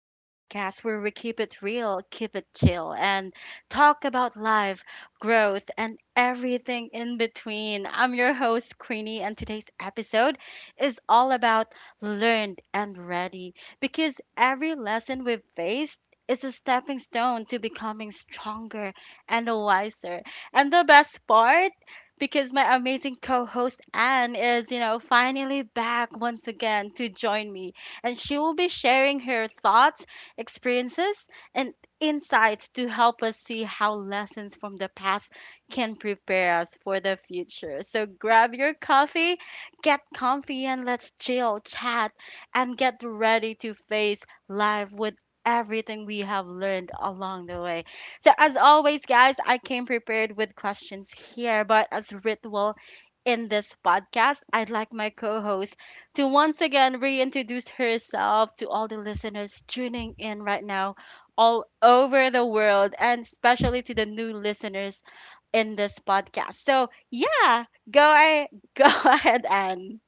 the podcast where we keep it real, keep it chill, and talk about life, growth, and everything in between. I'm your host, Creenie, and today's episode is all about learned and ready because every lesson we've faced is a stepping stone to becoming stronger and wiser. And the best part, because my amazing co host Anne is, finally back once again to join me. And she will be sharing her thoughts, experiences, and insights to help us see how lessons from the past can prepare us for the future. So grab your coffee, get comfy, and let's chill, chat, and get ready to face life with everything we have learned along the way. So, as always, guys, I came prepared with questions here, but as ritual in this podcast, I'd like my co host to once again reintroduce herself to all the listeners tuning in right now, all over the world, and especially to the new listeners in this podcast. So, yeah, go, go ahead, and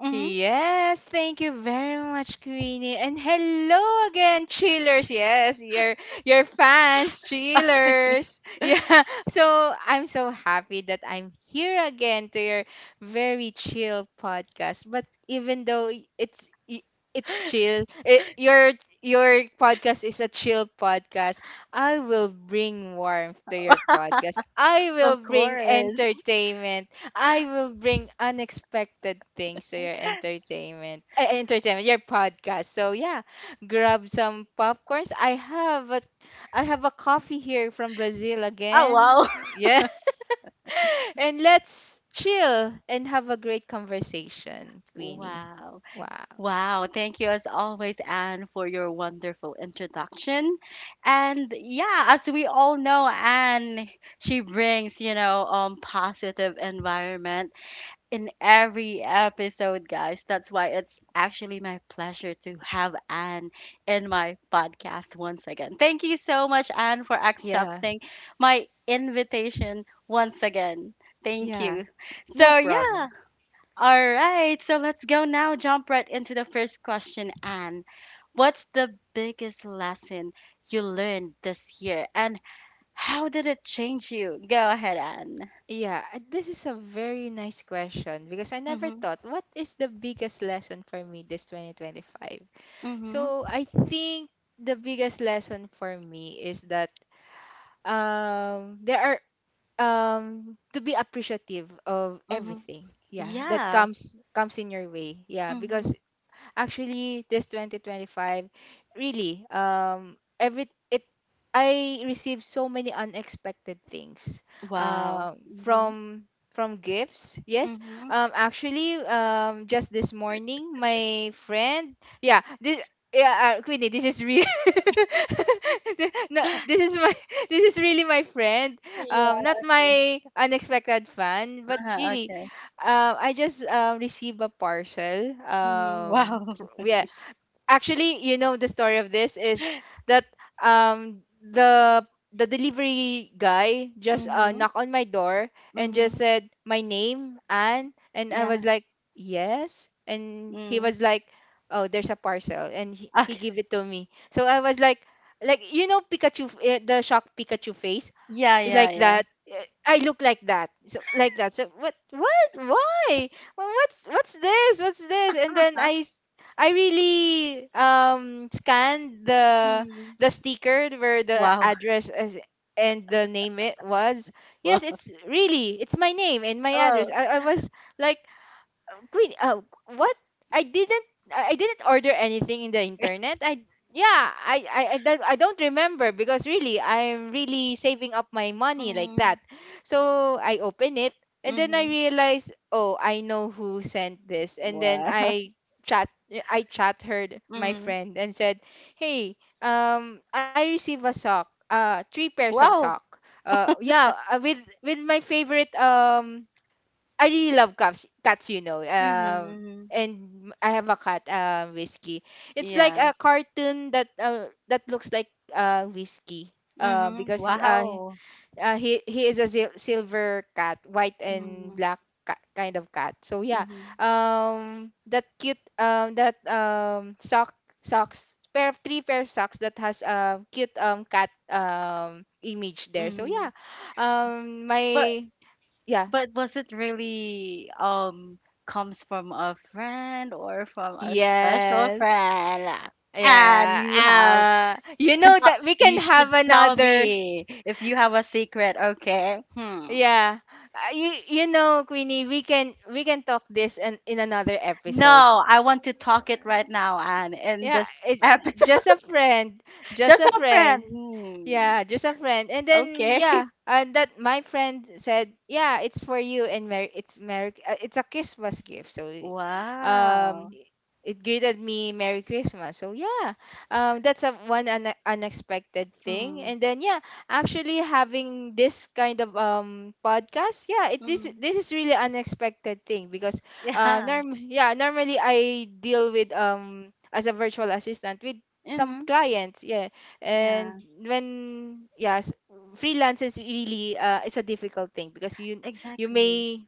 hmm Yes, thank you very much, Queenie. And hello again, chillers. Yes, your fans, chillers. Yeah. So I'm so happy that I'm here again to your very chill podcast. But even though it's chill, your podcast is a chill podcast. I will bring warmth to your podcast. I will Of bring course. entertainment. I will bring unexpected things to your entertainment, your podcast. So yeah, grab some popcorns. I have a coffee here from Brazil Oh, again. wow. Yeah, and let's chill and have a great conversation, Queenie. Wow. Wow. Wow, thank you as always, Anne, for your wonderful introduction. And yeah, as we all know, Anne, she brings, positive environment in every episode, guys. That's why it's actually my pleasure to have Anne in my podcast once again. Thank you so much, Anne, for Yeah, accepting my invitation once again. Thank yeah, you. no So yeah. problem. All right, so let's go now, jump right into the first question, Anne. What's the biggest lesson you learned this year, and how did it change you? Go ahead, Anne. Yeah, this is a very nice question because I never Mm-hmm, thought what is the biggest lesson for me this 2025. mm-hmm, So I think the biggest lesson for me is that there are, to be appreciative of mm-hmm. everything, yeah, that Yeah. comes in your way, yeah, because Mm-hmm. actually this 2025 really, every it, I received so many unexpected things, Wow. um Mm-hmm, from from gifts. Yes. mm-hmm. Actually, just this morning my friend, yeah, this, yeah, Queenie, this is real. No, this is my, this is really my friend. Yeah. Not my unexpected fan, but Uh-huh, really, okay. I just received a parcel. Mm-hmm. Wow. yeah, actually you know the story of this is that um the the delivery guy just Mm-hmm, knocked on my door and just mm-hmm. said my name, and I was Yeah. like, yes. And he Mm. was like, oh, there's a parcel, and he Okay. gave it to me, so I was like, you know, Pikachu the shock Pikachu face, Yeah, yeah, like yeah. that. I look like that. So like that. So what, why? What's this? What's this? And then Huh? I really scanned the Mm. the sticker where the Wow. address is and the name it was. Yes, Wow. it's really, it's my name and my address. Oh. I was like, Queen, what? I didn't I didn't order anything in the internet. I, yeah, I don't remember because really I'm really saving up my money like that. Mm. So I open it, and then I Mm-hmm. realize, oh, I know who sent this. And then Wow. Chat I chat her, my Mhm. friend, and said, "Hey, I receive a sock. Three pairs of sock. Wow. Yeah, with my favorite, I really love cats. Cats, you know. Mhm, mhm. And I have a cat, Whiskey. It's like Yeah. a cartoon that looks like Whiskey. Mhm. Because Wow. He is a silver cat, white and Mhm, black, kind of cat. So yeah, mhm, that cute, that sock, socks, pair of three, pair of socks that has a cute, cat, image there. So yeah, mhm. But my, yeah. Was it really comes from a friend or from a special Yes. friend? And Yeah. you have You know tell that we can you should have tell another. me if you have a secret, okay? Hmm. Yeah. You know, Queenie, we can talk this, in another episode. No, I want to talk it right now and in Yeah, this it's episode. just a friend, just Just a a friend. friend. Hmm. Yeah, just a friend. And then Okay. yeah, and that my friend said, "Yeah, it's for you, and Merry, it's Merry, it's a Christmas gift." So um Wow. it greeted me, Merry Christmas. So yeah, that's a one unexpected thing. Mm, And then yeah, actually, having this kind of podcast, yeah, it this mm. this is really unexpected thing, because Yeah. norm yeah, normally I deal with, as a virtual assistant, with some Mm, clients, yeah. And yeah. when, yes, freelance is really, it's a difficult thing because you Exactly. may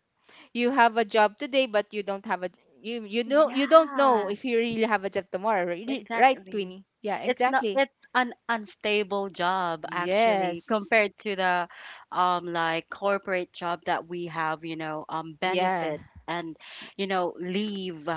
you have a job today, but you don't have a, you know, you don't know Yeah. if you really have a job tomorrow, really, right, Exactly. Twinny? Yeah, It's not exactly. it's an unstable job actually Yes. compared to the like corporate job that we have, Yeah. benefits and you know leave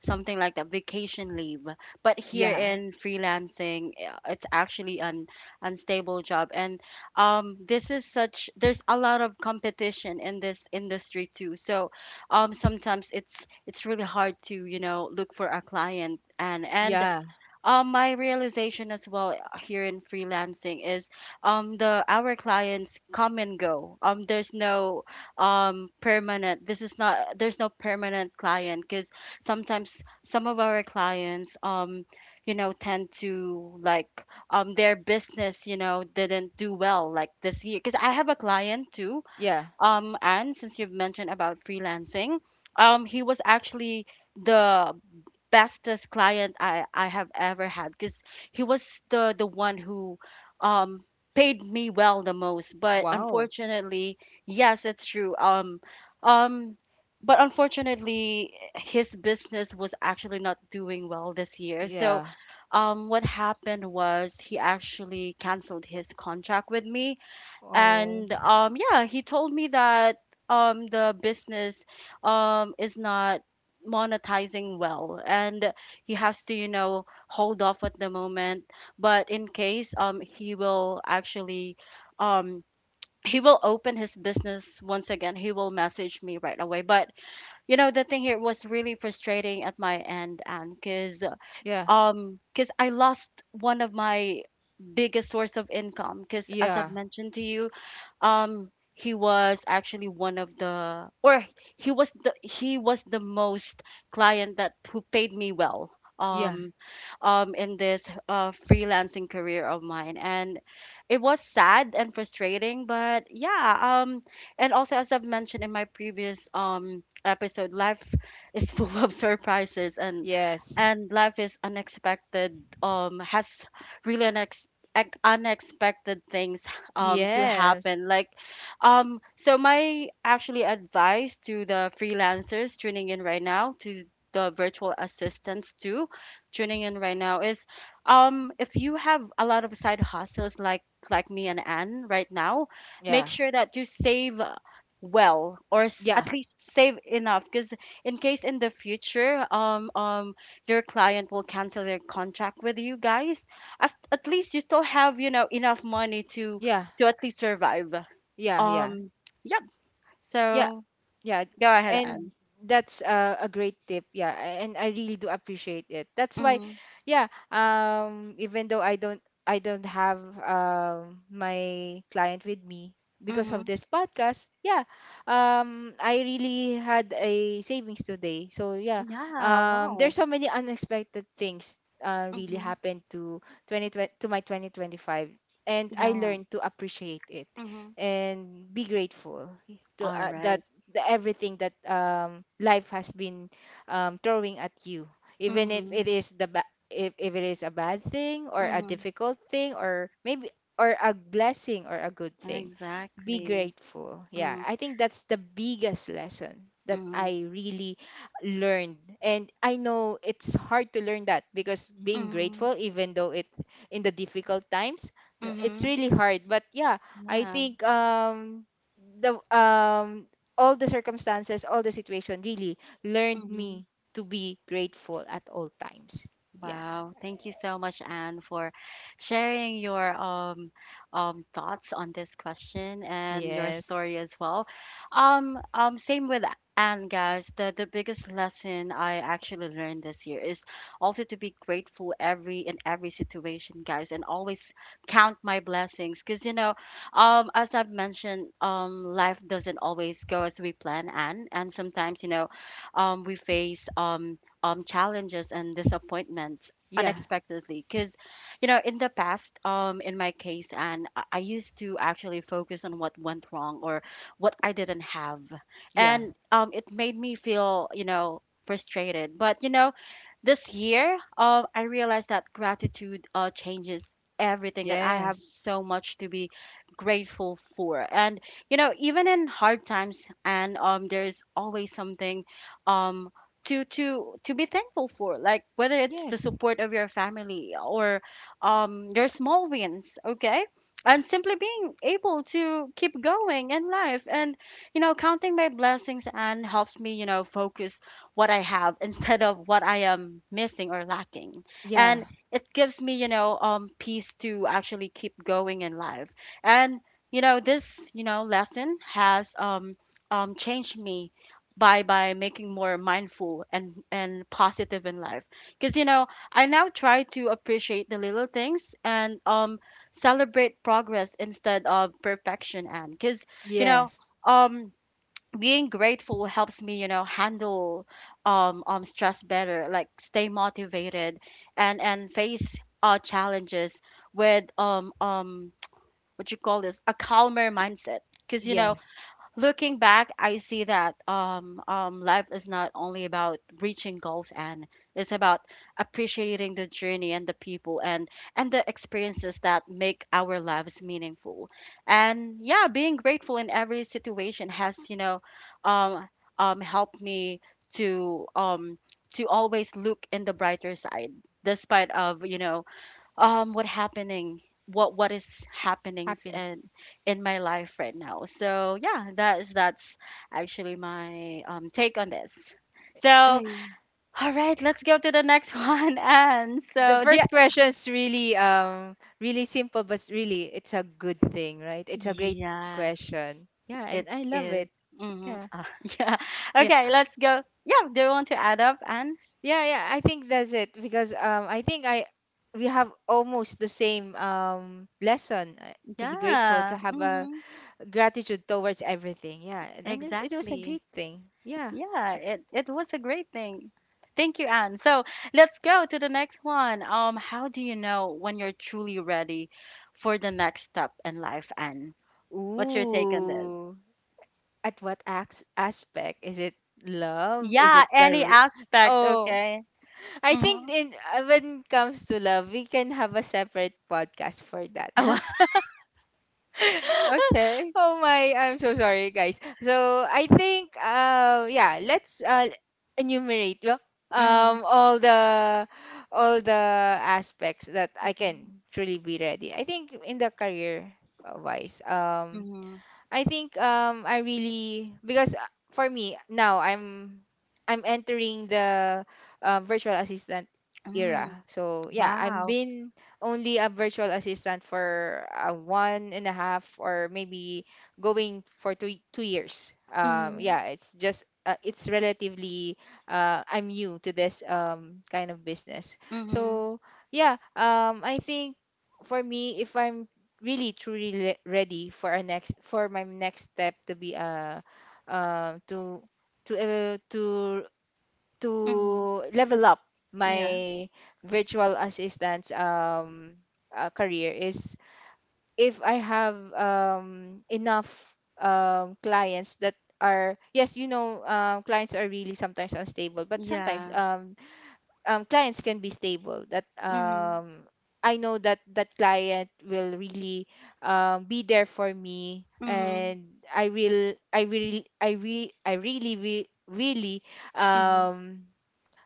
something like that vacation leave. But here Yeah. in freelancing, it's actually an unstable job and this is such there's a lot of competition in this industry too. So sometimes it's really hard to, you know, look for a client and Yeah. My realization as well here in freelancing is the our clients come and go, there's no permanent this is not there's no permanent client because sometimes some of our clients, you know, tend to like, their business, you know, didn't do well like this year because I have a client too, Yeah. And since you've mentioned about freelancing, he was actually the bestest client I have ever had because he was the one who, um paid me well the most. But Wow. unfortunately, yes, it's true. Um, but unfortunately, his business was actually not doing well this year. So, Yeah. What happened was he actually canceled his contract with me Oh. and yeah he told me that the business is not monetizing well and he has to, you know, hold off at the moment, but in case, he will actually, um he will open his business once again, he will message me right away. But you know the thing here was really frustrating at my end and because, Yeah. Because I lost one of my biggest source of income because as I've Yeah. mentioned to you, he was actually one of the or he was the most client that who paid me well, Yeah. um in this freelancing career of mine. And it was sad and frustrating, but yeah, and also as I've mentioned in my previous episode, life is full of surprises and Yes. Life is unexpected, has really unexpected things to Yes. happen like, so my actually advice to the freelancers tuning in right now, to the virtual assistants too tuning in right now is, if you have a lot of side hustles like me and Anne right now, make Yeah. sure that you save well, or Yeah. at least save enough because in case in the future, your client will cancel their contract with you guys, at least you still have, you know, enough money Yeah. to at least survive. Yeah. Yeah. Um, yep. Yeah. So Yeah, go ahead, Anne. and that's a great tip. Yeah, and I really do appreciate it. That's why, Mhm. yeah. Even though I don't have my client with me because of Mhm. this podcast. Yeah, I really had a savings today. So yeah, Yeah. Wow. there's so many unexpected things really Mhm. happened to 2020, to my 2025, and I Yeah. learned to appreciate it Mhm. and be grateful, to All that right. the everything that, life has been, throwing at you, even if it Mhm. is if it is a bad thing or a Mhm. difficult thing, or maybe, or a blessing or a good thing. Be Exactly. grateful. Yeah, Mhm. I think that's the biggest lesson that Mhm. I really learned, and I know it's hard to learn that, because being Mhm. grateful, even though it, in the difficult times, it's Mhm. really hard. But yeah, I Yeah. think, the all the circumstances, all the situation really learned Mhm. me to be grateful at all times. Yeah. Wow, thank you so much, Anne, for sharing your thoughts on this question and your Yes. story as well. Same with Anne, guys. The biggest lesson I actually learned this year is also to be grateful every in every situation, guys, and always count my blessings. Cause you know, as I've mentioned, life doesn't always go as we plan, Anne, and sometimes you know, we face challenges and disappointments Yeah. unexpectedly because you know in the past, in my case, and I used to actually focus on what went wrong or what I didn't have, Yeah. and it made me feel, you know, frustrated. But you know this year, I realized that gratitude changes everything, that I Yes. have so much to be grateful for, and you know even in hard times, and there's always something um to be thankful for, like whether it's the Yes. support of your family or your small wins, okay, and simply being able to keep going in life. And you know counting my blessings and helps me, you know, focus what I have instead of what I am missing or lacking, and Yeah. it gives me, you know, peace to actually keep going in life. And you know this you know lesson has changed me by making more mindful and positive in life, because you know I now try to appreciate the little things, and celebrate progress instead of perfection, and because, you know, Yes. um being grateful helps me, you know, handle stress better, like stay motivated and face challenges with what you call this, a calmer mindset, because you know Yes. looking back, I see that life is not only about reaching goals, and it's about appreciating the journey and the people and the experiences that make our lives meaningful. And yeah, being grateful in every situation has, you know, um, helped me to um, to always look in the brighter side, despite of you know um what happening what is happening Happening. in my life right now. So yeah, that is that's actually my take on this. So Ay, all right, let's go to the next one. And the so yeah, first question is really, really simple, but, really, it's a good thing, right? It's a great yeah, question. Yeah, and it I love is, it. mm-hmm. Yeah. Yeah, Yeah. okay, let's go. Yeah, do you want to add up, and Yeah, yeah, I think that's it, because I think I we have almost the same, lesson, to be grateful, to yeah, have a mm-hmm. gratitude towards everything. Yeah, and it was a Exactly. great thing. Yeah. Yeah, it was a great thing. Thank you, Anne. So let's go to the next one. How do you know when you're truly ready for the next step in life, Anne? What's your take on this? Ooh, at what aspect is it? Love? Is Yeah, it any career? aspect, Oh, okay. I Mm-hmm. think, in when it comes to love, we can have a separate podcast for that. Oh, okay. Oh my, I'm so sorry, guys. So I think, yeah, let's enumerate well, Mm-hmm. um, all the all the aspects that I Mm-hmm. can truly be ready. I think in the career wise, Mm-hmm. I think, I really, because, for me now, I'm entering the, virtual assistant era. Mm, So yeah, I've wow. been only a virtual assistant for, one and a half, or maybe going for two years. Mm-hmm. Yeah, it's just, it's relatively, I'm new to this kind of business. Mm-hmm. So yeah, I think, for me, if I'm really truly ready for our next for my next step, to be, uh to to uh, to to Mm-hmm. level up Yeah. my virtual assistant's, career, is, if I have enough, clients that are, yes, you know, clients are really sometimes unstable, but sometimes, Yeah. Clients can be stable, that, Mm-hmm. I know that that client will really, be there for me, Mm-hmm. and I will I will I will I really will really Mm-hmm. um,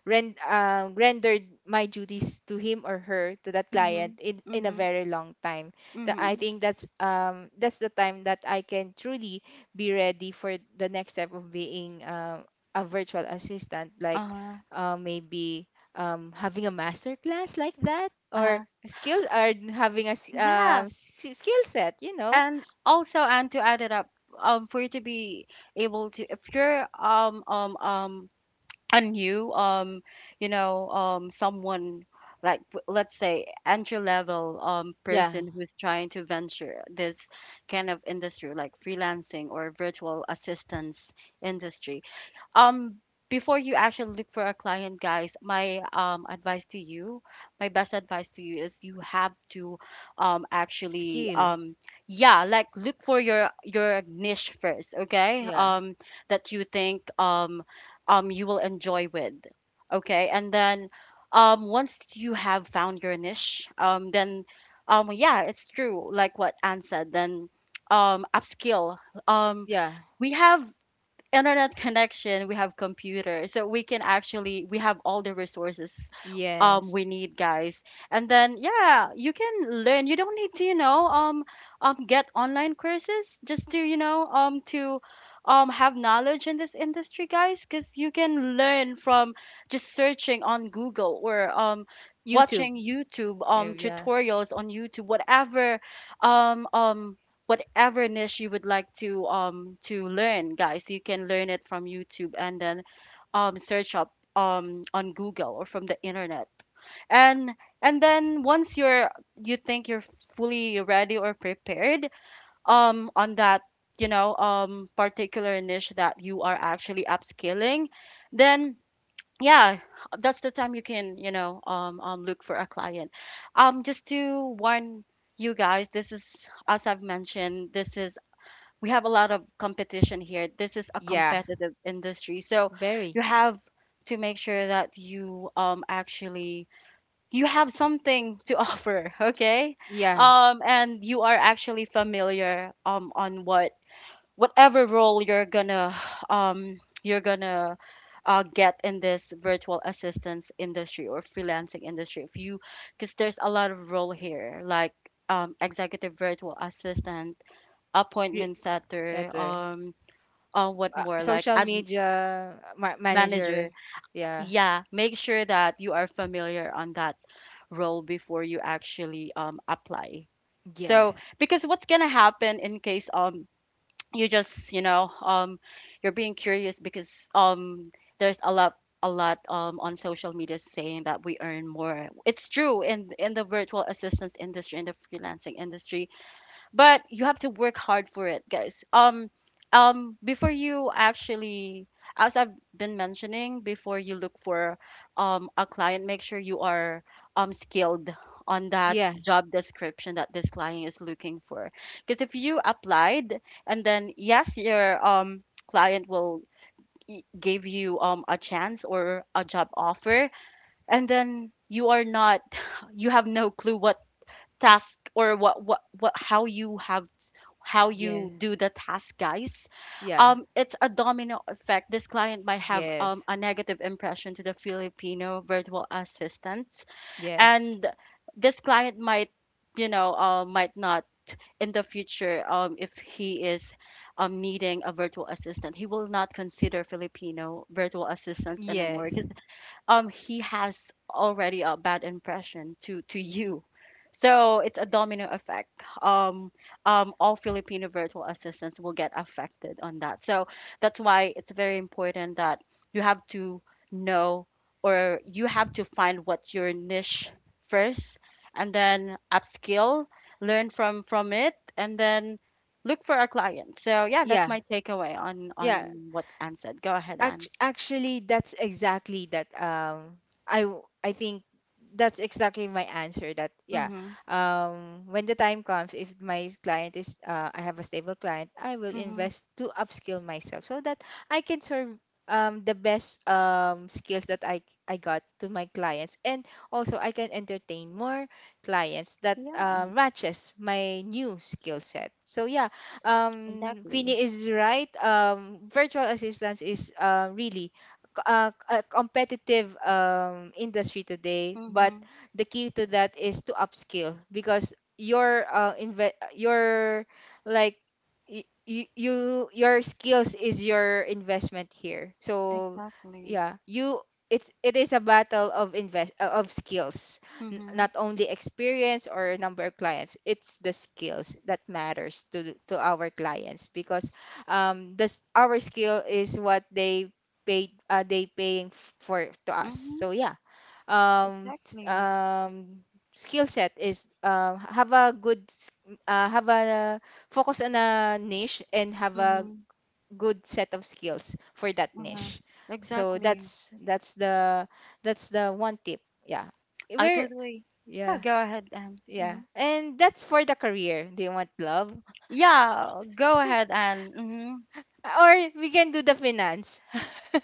rendered my duties to him or her, to that Mm-hmm. client, in a Mm-hmm. very long time. I Mm-hmm. think that's, that's the time that I can truly be ready for the next step of being, a virtual assistant, like, Uh, maybe, having a master class like that, uh, or skill, or having a yeah, skill set, you know. and also and to add it up, for you to be able to, if you're a new, you know, someone like let's say entry level Yeah, person who's trying to venture this kind of industry like freelancing or virtual assistance industry, um before you actually look for a client, guys, my advice to you, my best advice to you is you have to actually skill. Yeah, like look for your niche first, okay, Yeah, that you think you will enjoy with, okay, and then once you have found your niche, then yeah, it's true, like what Anne said, then upskill. um yeah, we have internet connection, we have computers, so we can actually, we have all the resources yes. we need, guys. And then yeah, you can learn. You don't need to, you know, get online courses just to, you know, to have knowledge in this industry, guys, because you can learn from just searching on Google, or YouTube. watching YouTube, Yeah, tutorials on YouTube, whatever um um whatever niche you would like to learn, guys, you can learn it from YouTube, and then search up on Google or from the internet. And and then once you're, you think you're fully ready or prepared on that, you know, particular niche that you are actually upskilling, then yeah, that's the time you can, you know, look for a client. Just to warn you guys, this is, as I've mentioned, this is, we have a lot of competition here. This is a yeah, competitive industry. So very. you have to make sure that you actually, you have something to offer, okay? Yeah, And you are actually familiar on what, whatever role you're gonna um you're gonna get in this virtual assistance industry or freelancing industry, if you because there's a lot of role here, like executive virtual assistant, Re- appointment setter, Ito, eh. What Ah, more, like social ad media, manager. manager. Yeah. Yeah, make sure that you are familiar on that role before you actually apply. So, Yes. because what's gonna happen in case you just, you know, you're being curious, because there's a lot, on social media saying that we earn more. It's true in the virtual assistance industry, in the freelancing industry, but you have to work hard for it, guys. Before you actually, as I've been mentioning, before you look for a client, make sure you are skilled on that Yeah. job description that this client is looking for, because if you applied and then yes, your client will give you a chance or a job offer, and then you are not you have no clue what task, or what, how you have, how Yeah. you do the task, guys. Yeah. It's a domino effect. This client might have Yes. a negative impression to the Filipino virtual assistants, Yes. and this client might, you know, might not, in the future, if he is needing a virtual assistant, he will not consider Filipino virtual assistants anymore. Yes. He has already a bad impression to you, so it's a domino effect. um all Filipino virtual assistants will get affected on that. So that's why it's very important that you have to know, or you have to find what your niche first, and then upskill, learn from it, and then look for a client. So yeah, that's Yeah. my takeaway on Yeah. What Anne said. Go ahead, Anne. Actually, that's exactly that. I think that's exactly my answer. That, yeah. Mm-hmm, When the time comes, if my client is, I have a stable client, I will mm-hmm. invest to upskill myself, so that I can serve, the best, skills that I got to my clients, and also I can entertain more clients that matches my new skill set. So yeah, Exactly. Queenie is right. Virtual assistance is, really a competitive, industry today, but Mm-hmm. the key to that is to upskill, because your, your, like, your skills is your investment here. So Exactly. yeah, you it is a battle of invest of skills, Mm-hmm. not only experience or number of clients, it's the skills that matters to our clients, because this, our skill is what they paying for to us, Mm-hmm. so yeah, um s- Exactly. um skill set is, have a good, have a focus on a niche, and have a Mm-hmm. good set of skills for that Uh-huh. niche, so Exactly. That's the one tip, yeah, I we're totally. Yeah, yeah, go ahead and. yeah. Mm-hmm. And that's for the career. Do you want love? Yeah, go ahead and. Mm-hmm. Or we can do the finance.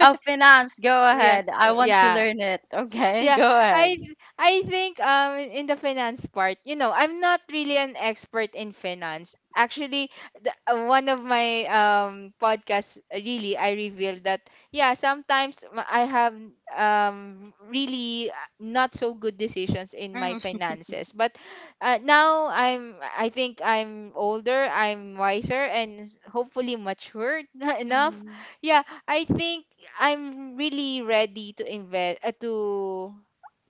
Oh, finance, go Yeah. ahead. I want to Yeah. learn it. Okay, Yeah, go ahead. I think, in the finance part, you know, I'm not really an expert in finance, actually. One of my podcasts, really, I revealed that, yeah, sometimes, I have, really, not so good decisions in my Mm-hmm. finances, but, now, I think I'm older, I'm wiser, and hopefully mature enough. Mm-hmm. Yeah, I think I'm really ready to invest, to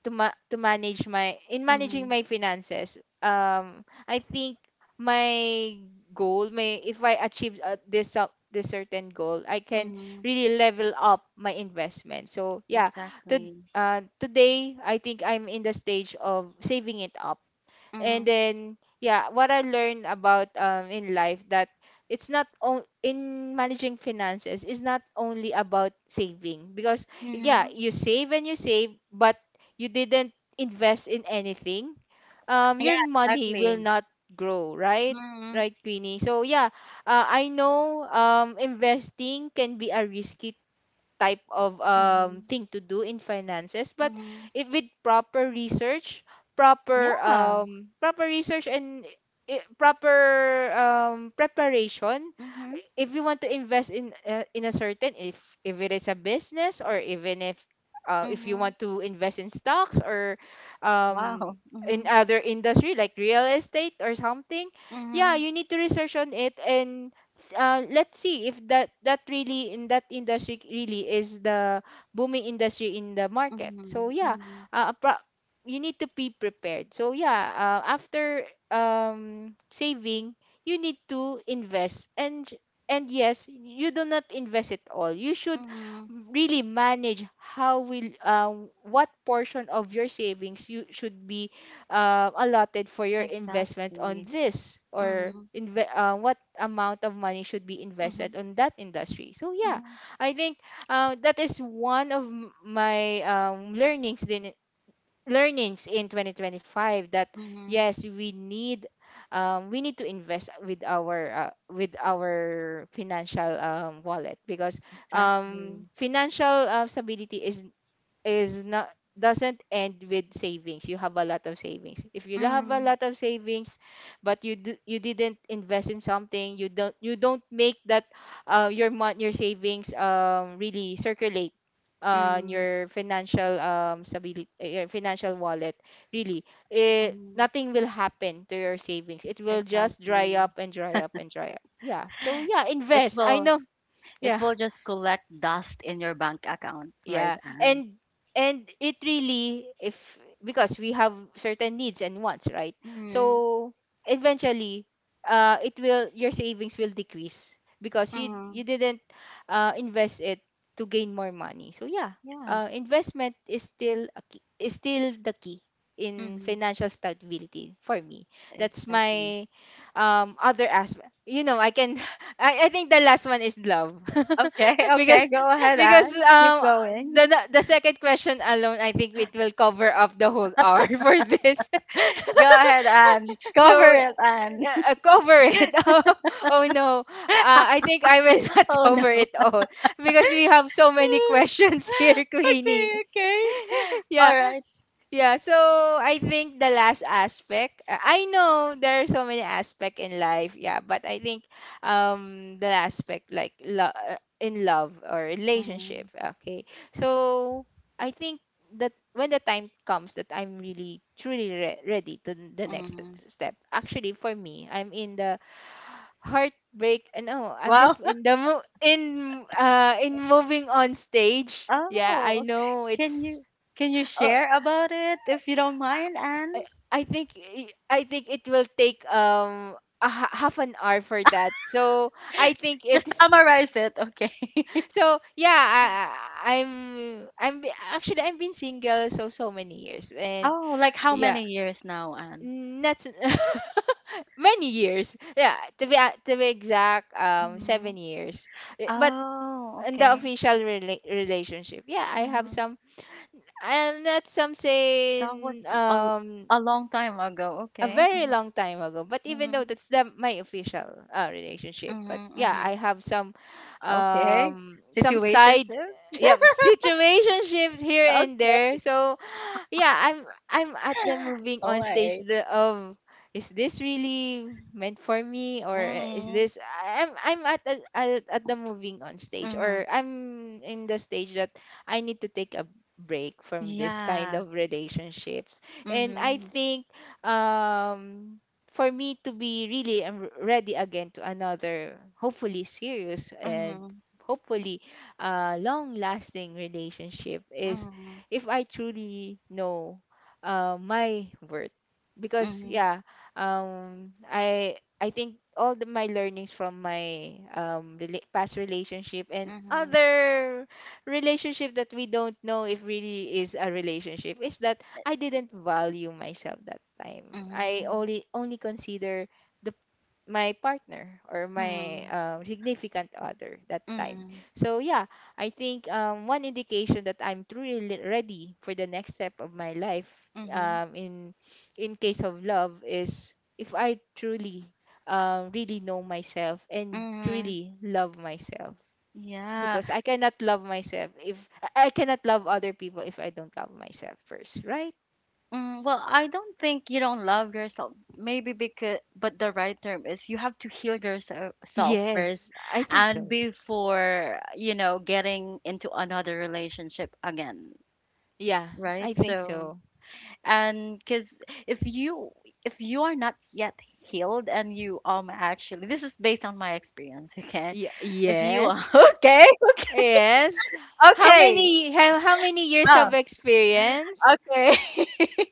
to ma- to manage my in managing my finances. I think my goal, my if I achieve this this certain goal, I can Mm-hmm. really level up my investment. So yeah, to Exactly. Today I think I'm in the stage of saving it up. And Mm-hmm. then yeah, what I learned about in life, that it's not on, in managing finances is not only about saving. Because yeah, Mm-hmm. you save and you save, but you didn't invest in anything, your Yeah, money will exactly. not grow, right? Mm-hmm. Right, Queenie? So yeah, I know investing can be a risky type of Mm-hmm. thing to do in finances. But Mm-hmm. if with proper research, Yeah. Proper research and I- proper preparation, Mm-hmm. if you want to invest in a certain, if it is a business, or even if you Mm-hmm. want to invest in stocks, or um Wow. in Mm-hmm. other industry like real estate or something, yeah, Mhm, you need to research on it. And let's see if that really in that industry really is the booming industry in the market. mhm, So yeah, mhm, uh, pro- you need to be prepared. So yeah, after saving you need to invest. And yes, you do not invest it all, you should mhm, really manage how will what portion of your savings you should be allotted for your investment on exactly. this, or Mhm, what amount of money should be invested mhm, on that industry. So yeah, mhm, I think that is one of my learnings din learnings in 2025, that mhm, yes we need to invest with our financial wallet. Because exactly. financial stability is not doesn't end with savings. You have a lot of savings, if you have a Mm, lot of savings but you didn't invest in something, you don't, you don't make that your your savings really circulate on mm, your financial stability, your financial wallet, really. It, mm, nothing will happen to your savings, it will just dry exactly. up and dry up and dry up. Yeah, so yeah, It invest, I will know. Yeah. Just collect dust in your bank account, right, Yeah, Anne? and it really, if because we have certain needs and wants, right? Mm, So eventually it will, your savings will decrease because you mm, didn't invest it to gain more money. So yeah, yeah. Investment is still a key, is still the key in Mm, financial stability for me. That's exactly. my other aspect, you know. I can I think the last one is love. Okay, Because, okay, go ahead, because Anne. Keep um going. The second question alone, I think it will cover up the whole hour for this. Go ahead, Anne. So Cover it, Anne. yeah, cover it. Oh, oh no. I think I will not Oh cover no. it all, because we have so many questions here, Okay, Queenie. okay. Yeah. All right. Yeah, so I think the last aspect, I know there are so many aspects in life, yeah, but I think the last aspect like in love or relationship, Mhm, okay. So I think that when the time comes that I'm really truly ready to the next mhm. step. Actually, for me, I'm in the heartbreak, no, I'm Wow. just in the mo- in moving on stage. Yeah, I Oh, know can it's, you oh, share about it if you don't mind, Anne? I think it will take half an hour for that. So I think it's Summarize it, okay. so yeah. I'm, actually I've been single so so many years. And Oh, like how yeah, many years now, Anne? not s- many years. Yeah, to be to be exact, seven Hmm. years. Eh, but Oh, in the okay. official relationship, yeah, I have Hmm. some. I'm not some That was saying, a l- a long time ago. a Okay. very Hmm. long time ago, but even Hmm. though that's the my official relationship, but Hmm. yeah Hmm. I have Okay. Some side, Situationship. yeah, situationships here and there. Okay. So yeah, I'm at the moving All on stage, right. Of, is this really meant for me, or eh, is Mm-hmm. this, I'm at, at the moving on stage, Mm-hmm. or I'm in the stage that I need to take a break from this kind Yeah. of relationships. And I Mhm. think um for me to be really ready again to another hopefully serious and Mhm. hopefully long lasting relationship is Mhm. if I truly know my worth. Because Mhm. yeah, I think all the, my learnings from my past relationship and Mhm. other relationship that we don't know if really is a relationship, is that That I didn't value myself that time. I Mhm. only only consider my partner or my Mhm. Significant other that time. Mhm. So yeah, I think one indication that I'm truly ready for the next step of my life Mhm. um, in in case of love is if I truly really know myself and Mhm. truly love myself. Yeah. Because I cannot love other people if I don't love myself first, right? Mm, well, I don't think you don't love yourself. Maybe because, but the right term is you have to heal yourself first Yes, I think and so. before, you know, getting into another relationship again, Yeah, right? I think So, so. and because if you, are not yet healed and you actually, this is based on my experience, okay, Yeah, if you are, yes. okay, Yes. How okay, many, how many years oh, of experience? okay,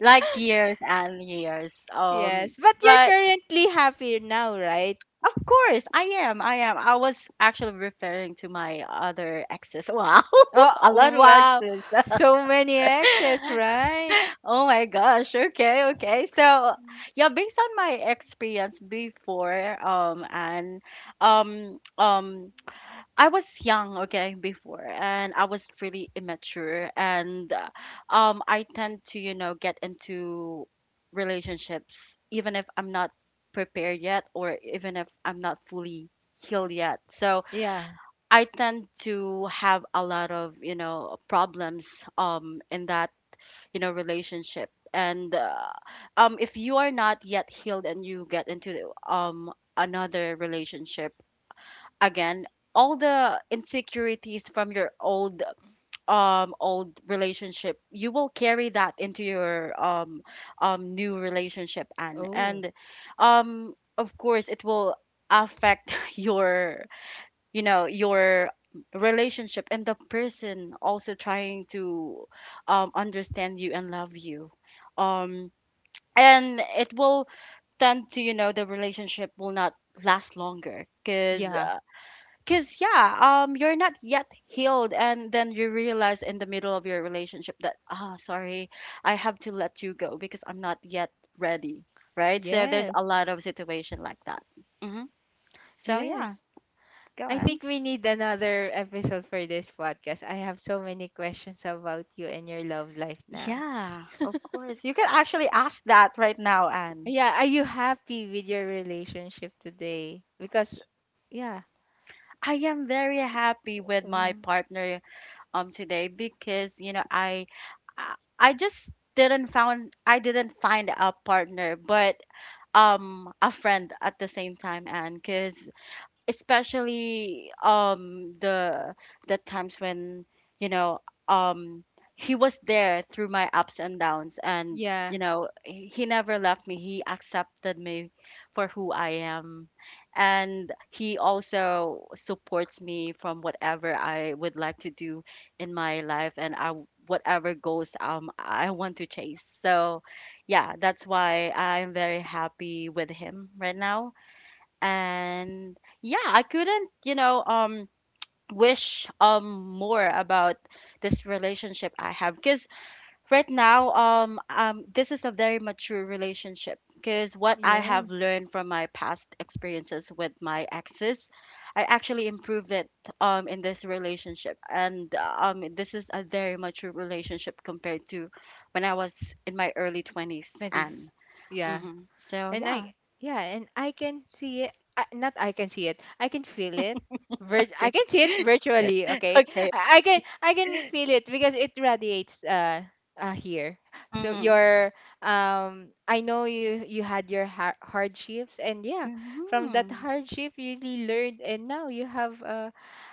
like years and years, Yes. But you're but currently happy now, right? of course I am, I was actually referring to my other exes. Wow. A Oh, lot of wow. exes. So many exes, right? Oh my gosh. Okay, okay. So, yeah, based on my experience before, and um, um, I was young, okay, before, and I was really immature, and I tend to, you know, get into relationships even if I'm not prepared yet, or even if I'm not fully healed yet. So Yeah. I tend to have a lot of, you know, problems, in that, you know, relationship. And If you are not yet healed and you get into another relationship again, all the insecurities from your old old relationship, you will carry that into your new relationship. and Oh, and of course it will affect your, you know, your relationship, and the person also trying to understand you and love you, um and it will tend to, you know, the relationship will not last longer, because yeah. because yeah, you're not yet healed, and then you realize in the middle of your relationship that, ah, sorry, I have to let you go because I'm not yet ready, right? So there's a Yes. lot of situation like that. Hmm. So yeah, Yes. go I on. think we need another episode for this podcast. I have so many questions about you and your love life now. Yeah, of course. You can actually ask that right now, Anne. Yeah, are you happy with your relationship today? Because yeah. I am very happy with my Mhm. partner today because, you know, I I just didn't found, I didn't find a partner, but a friend at the same time, Anne, because especially the times when, you know, um he was there through my ups and downs, and Yeah. you know, he never left me. He accepted me for who I am, and he also supports me from whatever I would like to do in my life, and I whatever goals I want to chase. So yeah, that's why I'm very happy with him right now, and yeah, I couldn't, you know, wish more about this relationship I have, because right now, this is a very mature relationship, because what I have Yes. learned from my past experiences with my exes, I actually improved it in this relationship, and this is a very mature relationship compared to when I was in my early 20s, Medis. and Yeah. hmm, so And I yeah. Yeah, and I can see it. Not I can see it. I can feel it. Vir- I can see it virtually, okay? Okay. I can, I can feel it because it radiates here. So Mhm. your I know you had your hardships, and yeah, from that Mhm. hardship you really learned, and now you have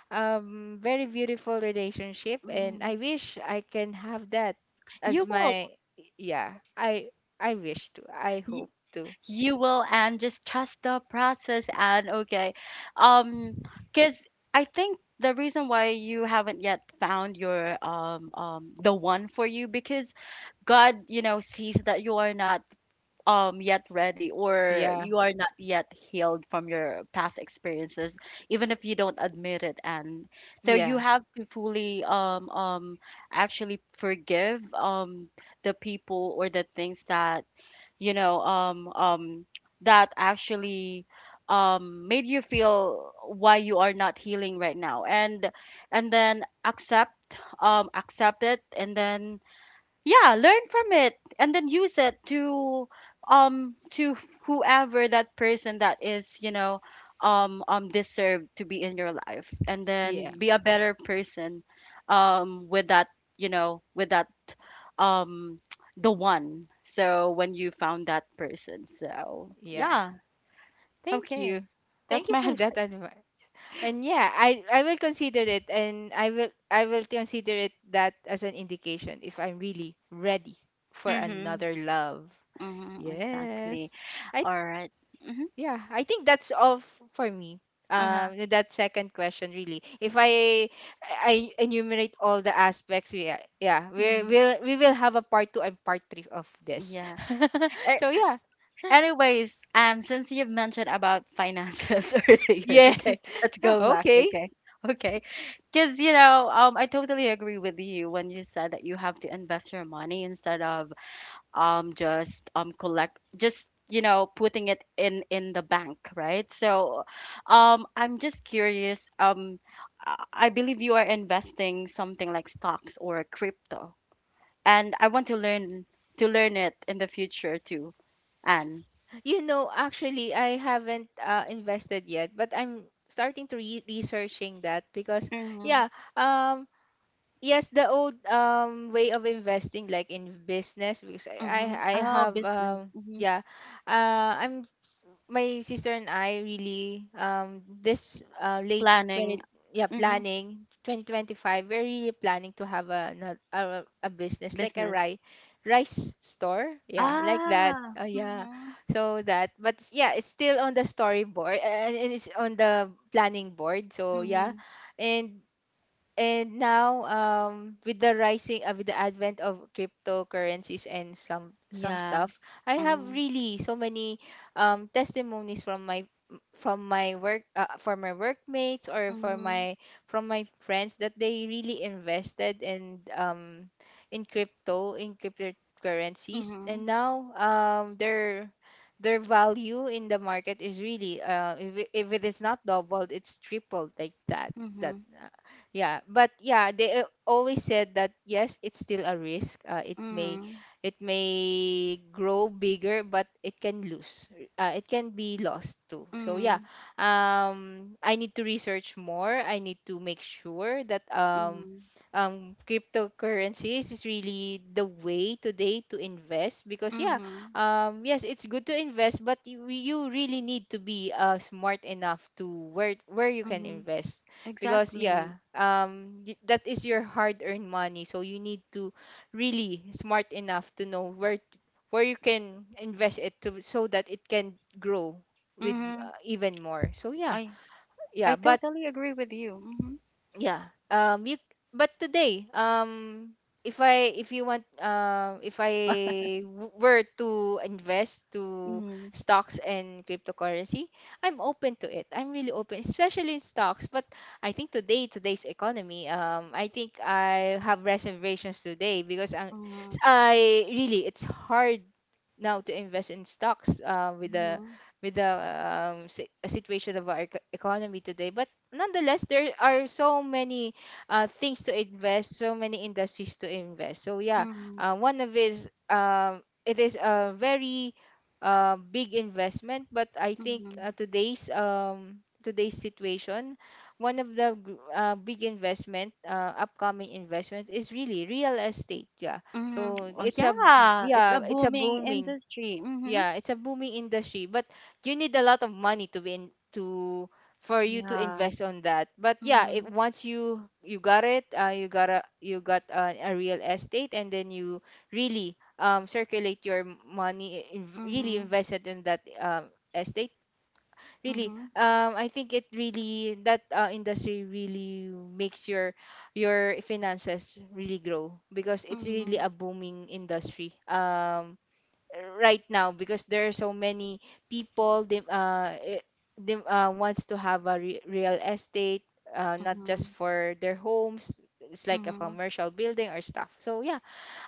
very beautiful relationship, and I Mhm. wish I can have that as You will. my, yeah, I wish to, I You, hope to. you will, and just trust the process, and okay. um, because I think the reason why you haven't yet found your the one for you, because God, you know, sees that you are not yet ready, or Yeah. you are not yet healed from your past experiences, even if you don't admit it. And so you Yeah. have to fully actually forgive the people or the things that, you know, that actually made you feel why you are not healing right now, and then accept, accept it, and then yeah, learn from it, and then use it to whoever, that person that is, you know, deserved to be in your life, and Yeah. then be a better person with that, you know, with that, um the one, so when you found that person. So Yeah. yeah, Thank okay, you. Thank that's you my for that advice. advice. And yeah, I will consider it, and I will consider it that as an indication if I'm really ready for Mm-hmm, another love. mm-hmm, exactly. Yes, I. All right. Mm-hmm, Yeah, I think that's all for me. uh-huh, With that second question really, if I enumerate all the aspects, yeah, yeah, mm-hmm. We will have a part two and part three of this. Yeah. So yeah, Anyways, and since you've mentioned about finances earlier, yeah. okay, let's go back, Okay. okay, okay, because you know, I totally agree with you when you said that you have to invest your money instead of just collect, just, you know, putting it in the bank, right? So, I'm just curious, I believe you are investing something like stocks or crypto, and I want to learn it in the future too, Anne. You know, actually, I haven't invested yet, but I'm starting to researching that. Because Mhm, yeah, um, yes, the old way of investing, like in business. Because mhm. I Oh, have business. Mhm. yeah, I'm my sister and I really this late Planning. 20, yeah, Mhm. planning 2025, we're really planning to have a business like a Business. Rice store, yeah, like that, Ah. oh yeah. Mhm. So that, yeah, it's still on the storyboard, and it's on the planning board. So yeah, Mhm. and and now with the rising with the advent of cryptocurrencies and some Yeah. stuff, I have Mhm. really so many testimonies from my, from my work, for my workmates, or for Mhm. my, from my friends, that they really invested in crypto, in cryptocurrencies, and Mhm. now their value in the market is really, if it is not doubled, it's tripled, like that. That Mhm. yeah, but yeah, they always said that yes it's still a risk. It may, Mhm. it may grow bigger, but it can lose, it can be lost too, so yeah. Mhm. I need to research more, I need to make sure that Mhm. Cryptocurrencies is really the way today to invest. Because yeah, Mhm. Yes, it's good to invest, but you really need to be smart enough to where you can Mhm. invest. Because Exactly. yeah, that is your hard earned money, so you need to really smart enough to know where you can invest it to, so that it can grow with, Mhm. Even more, so yeah. I Yeah, I but totally agree with you. Mhm. yeah, you but today, if I if you want, if were to invest to Mhm. stocks and cryptocurrency, I'm open to it, I'm really open, especially in stocks. But I think today, today's economy, I think I have reservations today because Mhm. I really, it's hard now to invest in stocks, with the, Mhm. with the situation of our economy today. But nonetheless there are so many things to invest, so many industries to invest, so yeah, Mhm. One of is it is a very big investment, but I think Mhm. today's today's situation, one of the big investment, upcoming investment is really real estate, yeah. Mhm. So Oh it's a, yeah, it's yeah, a it's a booming booming, industry. Mhm. yeah, it's a booming industry. But you need a lot of money to be in to, for you to Yeah. invest on that. But yeah, if Mhm. once you got it, you got a, You got a real estate and then you really circulate your money in, really Mhm, invest it in that estate. Really, mhm, I think it really that industry really makes your finances really grow because it's really mhm, a booming industry, right now because there are so many people. They wants to have a real estate, not just mhm, for their homes. It's like a mhm, commercial building or stuff, so yeah.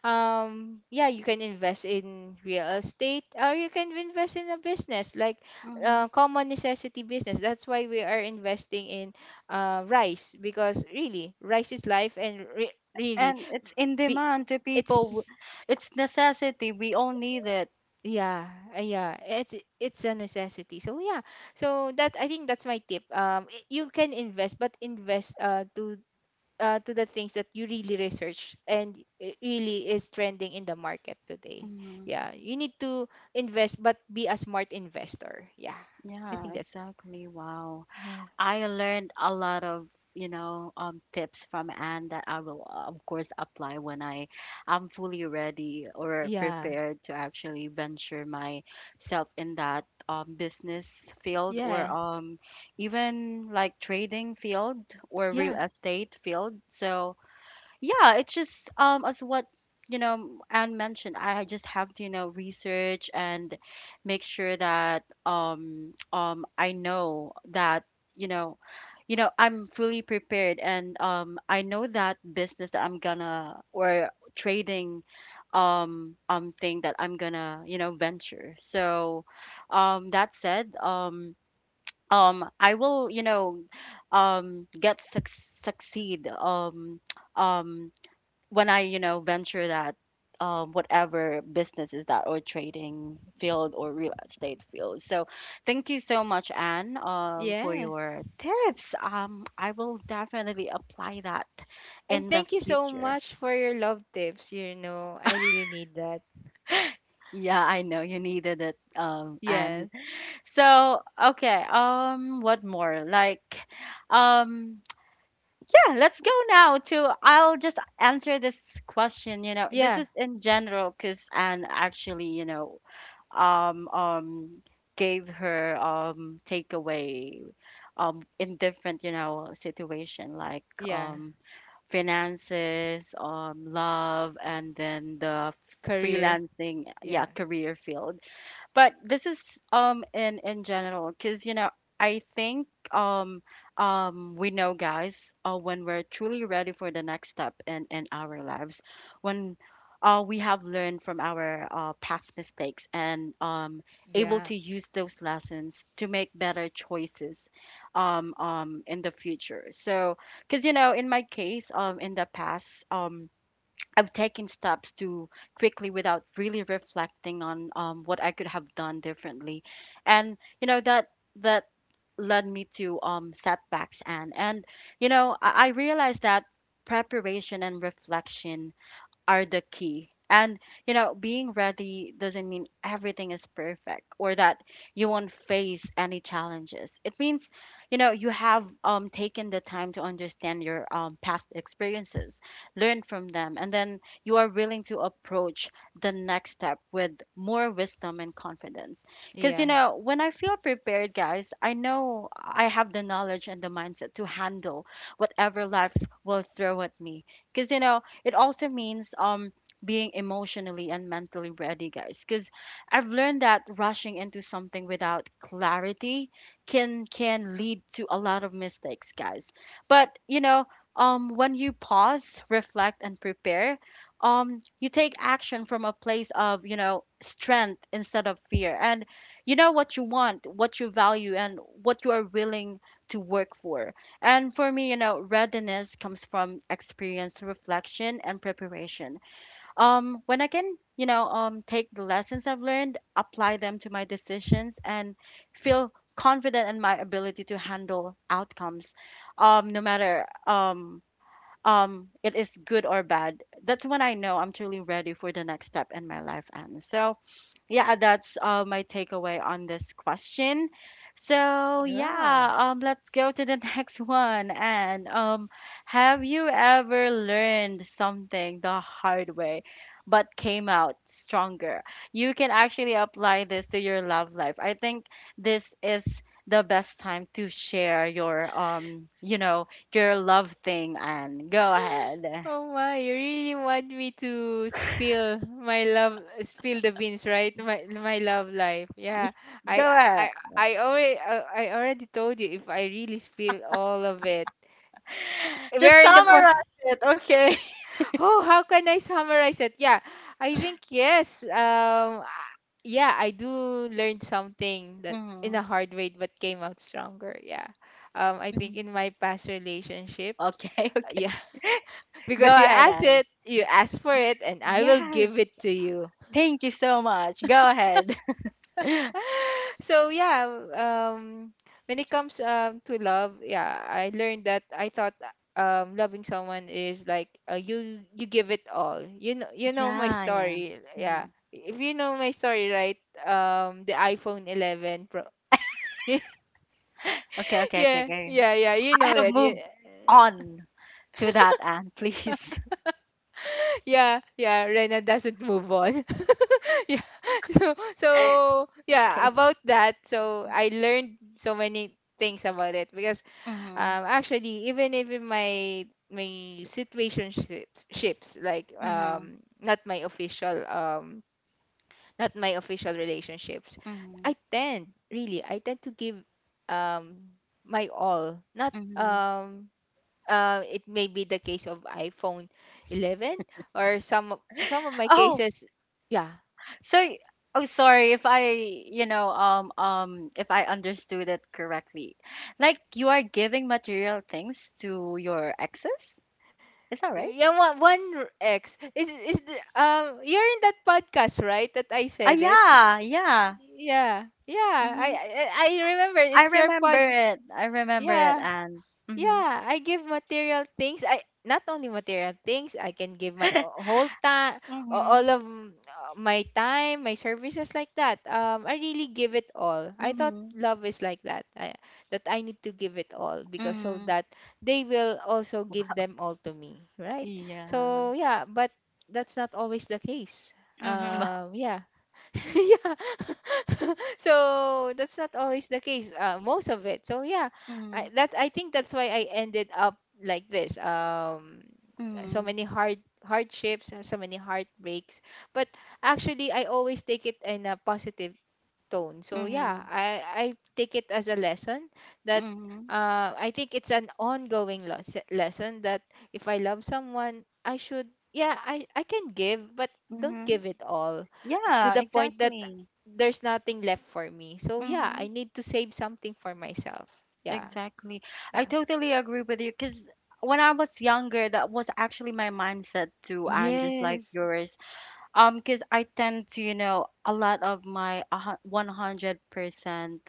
yeah, you can invest in real estate or you can invest in a business, like mhm. common necessity business. That's why we are investing in rice, because really rice is life. And really, And it's in be- demand to people. it's, It's necessity. We all need it. yeah, yeah, it's a necessity, so yeah. So that, I think that's my tip. You can invest, but invest to the things that you really research and it really is trending in the market today. Mhm. Yeah, you need to invest, but be a smart investor. Yeah, I Yeah, think that's it. exactly. Wow. Yeah I learned a lot of, you know, tips from Anne that I will, of course, apply when I am fully ready or yeah. prepared to actually venture myself in that, business field, or Yeah. Even like trading field, or Yeah. real estate field. So yeah, it's just as what, you know, Anne mentioned, I just have to, you know, research and make sure that I know that, you know, you know, I'm fully prepared, and I know that business that I'm gonna, or trading thing that I'm gonna, you know, venture. So that said, I will, you know, get succeed, um when I, you know, venture that, whatever business is that, or trading field, or real estate field. So thank you so much, Anne, for Yes. your tips. I will definitely apply that And in the thank you so future. much for your love tips, you know, I really need that. Yeah, I know you needed it, Anne. Yes. So okay, what more? Um, yeah, let's go now to. I'll just answer this question. You know, this Yeah. is in general because Anne actually, you know, um um gave her takeaway in different you know situation like Yeah. Finances, love, and then the Career. freelancing, yeah, Yeah. career field. But this is in general because you know I think um we know, guys, when we're truly ready for the next step in our lives, when we have learned from our past mistakes and able Yeah. to use those lessons to make better choices in the future. So because you know in my case, in the past, I've taken steps too quickly without really reflecting on what I could have done differently, and you know that that led me to setbacks, and you know I realized that preparation and reflection are the key. And, you know, being ready doesn't mean everything is perfect or that you won't face any challenges. It means, you know, you have taken the time to understand your past experiences, learn from them, and then you are willing to approach the next step with more wisdom and confidence. Because, you Yeah. know, when I feel prepared, guys, I know I have the knowledge and the mindset to handle whatever life will throw at me. Because, you know, it also means being emotionally and mentally ready, guys. Because I've learned that rushing into something without clarity can lead to a lot of mistakes, guys. But you know, when you pause, reflect, and prepare, you take action from a place of you know strength instead of fear, and you know what you want, what you value, and what you are willing to work for. And for me, you know, readiness comes from experience, reflection, and preparation. When I can, you know, take the lessons I've learned, apply them to my decisions, and feel confident in my ability to handle outcomes, no matter it is good or bad. That's when I know I'm truly ready for the next step in my life. And so, yeah, that's my takeaway on this question. So Wow. yeah, let's go to the next one. And have you ever learned something the hard way, but came out stronger? You can actually apply this to your love life. I think this is the best time to share your you know, your love thing. And go ahead, Oh my, you really want me to spill my love, spill the beans, right? My love life. Yeah. I go ahead. I I already told you if I really spill all of it. We Just are in the point. summarize it, okay? Oh, how can I summarize it? Yeah. I think yes. Yeah, I do learn something that in a hard way, but came out stronger. Yeah. I think Mhm. in my past relationships, Okay, okay. uh, Go because you ahead, ask Anne. it, you ask for it, and I will Yes, give it to you. thank you so much. Go ahead. So yeah, when it comes to love, yeah, I learned that I thought loving someone is like, you you give it all. You know, you know my Yeah, yeah. story. Yeah, Mm. if you know my story, right? The iPhone 11 Pro. Okay, okay, okay, Yeah, okay. yeah, yeah. You know I have it. Yeah. moved on to that, Anne, please. Yeah, yeah, Rena doesn't move on. Yeah, so so yeah, okay. about that. So I learned so many things about it because Mhm, actually, even if in my situation ships, ships, like, mhm, not my official, not my official relationships, mhm, I tend, really I tend to give um my all, not mhm. It may be the case of iPhone 11 or some of my Oh, cases. Yeah, so y- oh, sorry if I, you know, if I understood it correctly. Like you are giving material things to your exes? Is that right? yeah, one, X is the, you're in that podcast, right, that I Ah, said it. yeah, yeah. Yeah, yeah, Mm-hmm. I remember. I It's your remember pod. it. I remember it, Yeah. and mhm, Yeah, I give material things. I not only material things. I can give my whole time, mhm, my time, my services, like that. I really give it all. I thought mhm, love is like that. That I need to give it all because so mhm, that they will also give them all to me, right? yeah, So yeah, but that's not always the case. mhm, yeah. Yeah. So that's not always the case, most of it, so yeah. Mhm, that I think that's why I ended up like this, so mhm, many hard hardships and so many heartbreaks. But actually I always take it in a positive tone, so yeah, mhm, I take it as a lesson that mhm, I think it's an ongoing lesson that if I love someone, I should, yeah, I can give, but don't mhm. give it all to Yeah, the point that exactly. there's nothing left for me. So yeah, I Mhm, need to save something for myself. Yeah. exactly. I Yeah. totally agree with you because when I was younger, that was actually my mindset too, and just like Yes. yours. Because I tend to, you know, a lot of my 100%,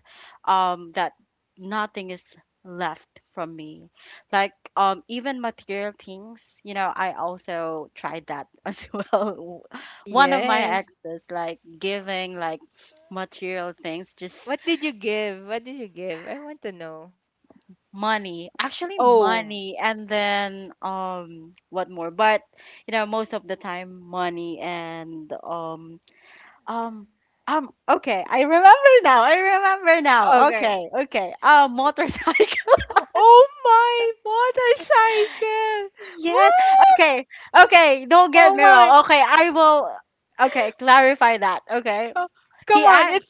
that nothing is left from me. Like, even material things, you know, I also tried that as well. One of my Yes. exes, like, giving, like, material things, just What did you give? What did you give? I want to know. money, actually Oh, money, and then, what more? But, you know, most of the time, money and, Um, okay, I remember now. I remember now. okay. Okay, okay. Motorcycle. Oh, my motorcycle. Yes. Wow. Okay. Okay. Don't get Oh me my. wrong. Okay, I will. Okay, clarify that. Okay. Come He on. asked. It's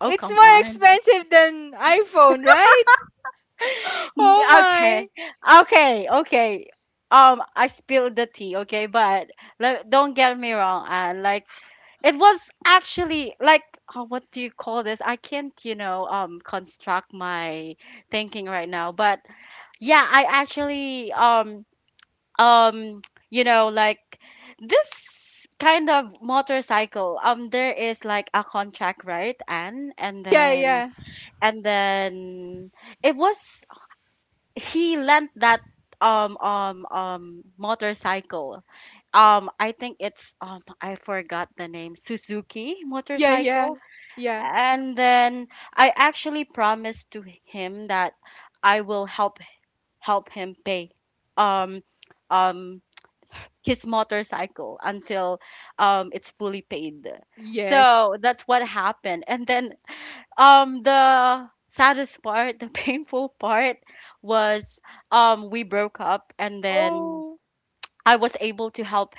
Oh, it's come more on. expensive than iPhone, right? Oh my. Okay. Okay. Okay. I spilled the tea. Okay, but don't get me wrong. Like it was actually like oh, what do you call this? I can't, you know, construct my thinking right now, but yeah, I actually um you know like this kind of motorcycle, there is like a contract, right? And and Yeah, then yeah. and then it was he lent that motorcycle, I think it's I forgot the name, Suzuki Yeah, yeah. motorcycle. Yeah. And then I actually promised to him that I will help him pay um um his motorcycle until it's fully paid. Yes. So that's what happened. And then the saddest part, the painful part was we broke up, and then Oh. I was able to help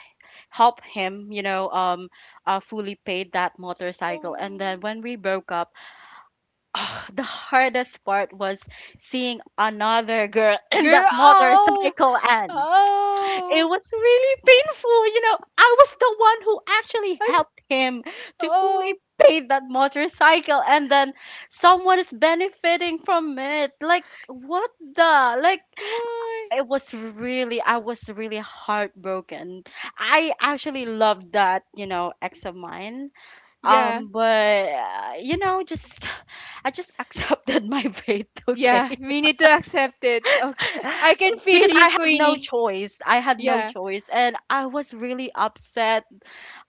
help him, you know, fully paid that motorcycle. And Oh. then when we broke up, the hardest part was seeing another girl in Girl, that oh, motorcycle. oh, And it oh, was really painful. You know, I was the one who actually am, helped him to fully pay that motorcycle, and then someone is benefiting from it. Like, what the? Like, why? it was really, I was really heartbroken. I actually loved that, you know, ex of mine. Yeah, You know, just, I just accepted my fate, yeah. okay? We need to accept it. Okay. I can feel Because you, I had no Queenie. choice. I had no Yeah. choice, and I was really upset.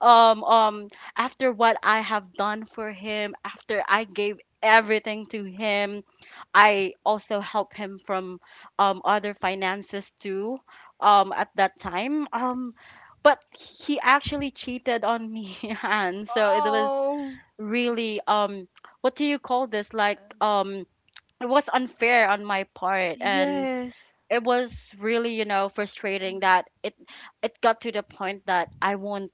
Um, um, after what I have done for him, after I gave everything to him, I also helped him from other finances too. At that time, but he actually cheated on me, and so it was Oh, really what do you call this? Like it was unfair on my part, and yes. it was really you know frustrating that it got to the point that I won't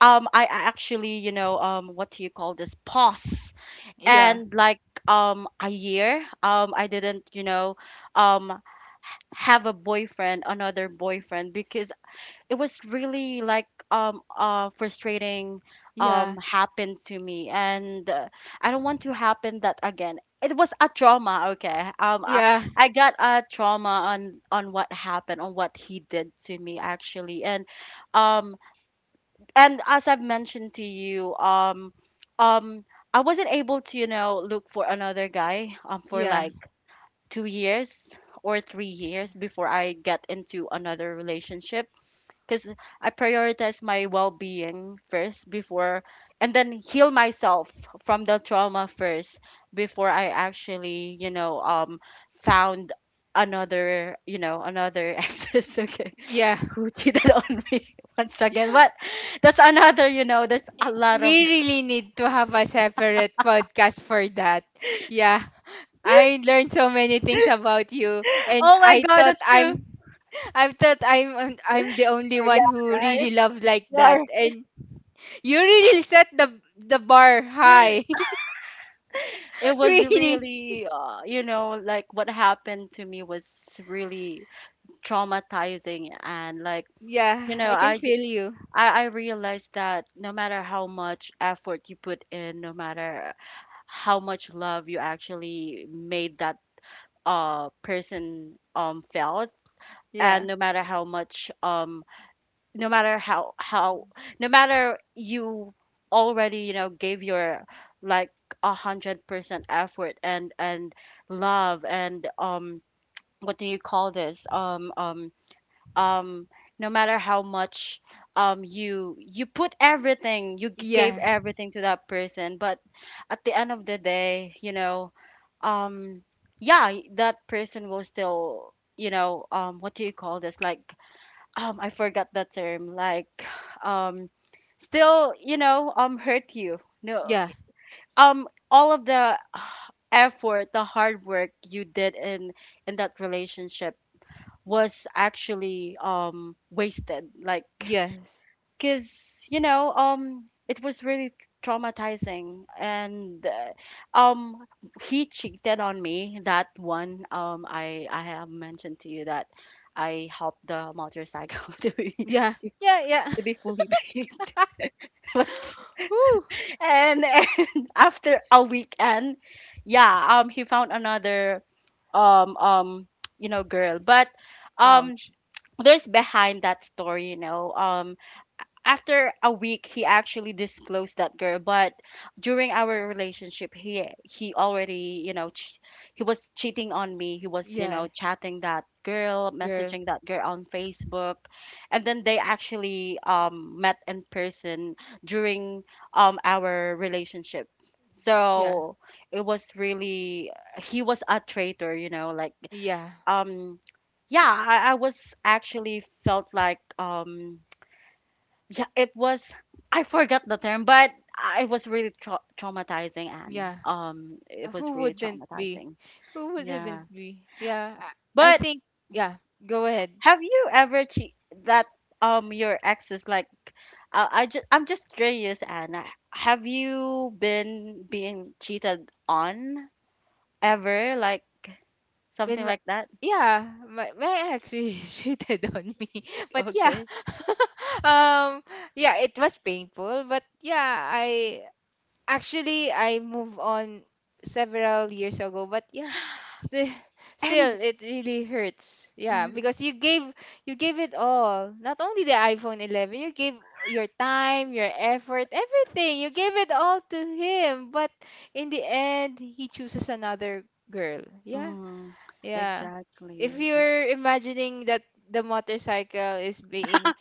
I actually you know what do you call this, pause Yeah, and like a year, I didn't you know um have a boyfriend, another boyfriend, because it was really like frustrating yeah, happened to me. And I don't want to happen that again. It was a trauma, okay. Yeah, I got a trauma on what happened, on what he did to me actually. Um and as I've mentioned to you, um I wasn't able to, you know, look for another guy for yeah, like 2 years or 3 years before I get into another relationship because I prioritize my well-being first, before, and then heal myself from the trauma first before I actually, you know, found another, you know, another exes, okay, yeah. who cheated on me once again. But that's another, you know, there's a lot We of. really need to have a separate podcast for that. Yeah. I learned so many things about you, and Oh my I god, thought that's true. I'm, I thought I'm, I'm the only Or one yeah, who really right? loved like that. Or, And you really set the bar high. it was Really. really you know like what happened to me was really traumatizing and like you Yeah, I know, can I, j- feel you. I, I realized that no matter how much effort you put in, no matter how much love you actually made that person felt, and Yeah. no matter how much no matter how how no matter you already you know gave your like 100% effort and love and what do you call this um no matter how much you put everything, you gave Yeah. everything to that person, but at the end of the day you know um yeah that person will still you know what do you call this, like I forgot the term, like um still you know hurt you, no Yeah. All of the effort, the hard work you did in that relationship was actually wasted. Like Yes. cuz you know it was really traumatizing and um he cheated on me that one, I have mentioned to you that I helped the motorcycle Yeah. Yeah, yeah. to be fully paid What's- Whew. And after a weekend, yeah, he found another um um you know girl, but um Ouch. there's behind that story, you know. After a week, he actually disclosed that girl, but during our relationship, he already, you know, he was cheating on me. He was, you know, Yeah, chatting that girl, girl. messaging that girl on Facebook, and then they actually met in person during our relationship. Yeah. So it was really he was a traitor, you know, like Yeah. um yeah I was actually felt like yeah it was I forgot the term but I was really traumatizing and Yeah. It was Who really wouldn't be? traumatizing, yeah. Wouldn't be? Yeah. I But think, yeah, go ahead. have you ever che- that your ex is like I just I'm just curious, Anna, have you been being cheated on ever, like something When my, like that? yeah, my ex really cheated on me. But yeah. Okay, Um, yeah, it was painful, but yeah, I, actually I moved on several years ago, but yeah, still, and still it really hurts. Yeah, mhm. because you gave, you gave it all. Not only the iPhone 11, you gave your time, your effort, everything. You gave it all to him, but in the end, he chooses another girl. Yeah, Mm, yeah. exactly. If you're imagining that the motorcycle is being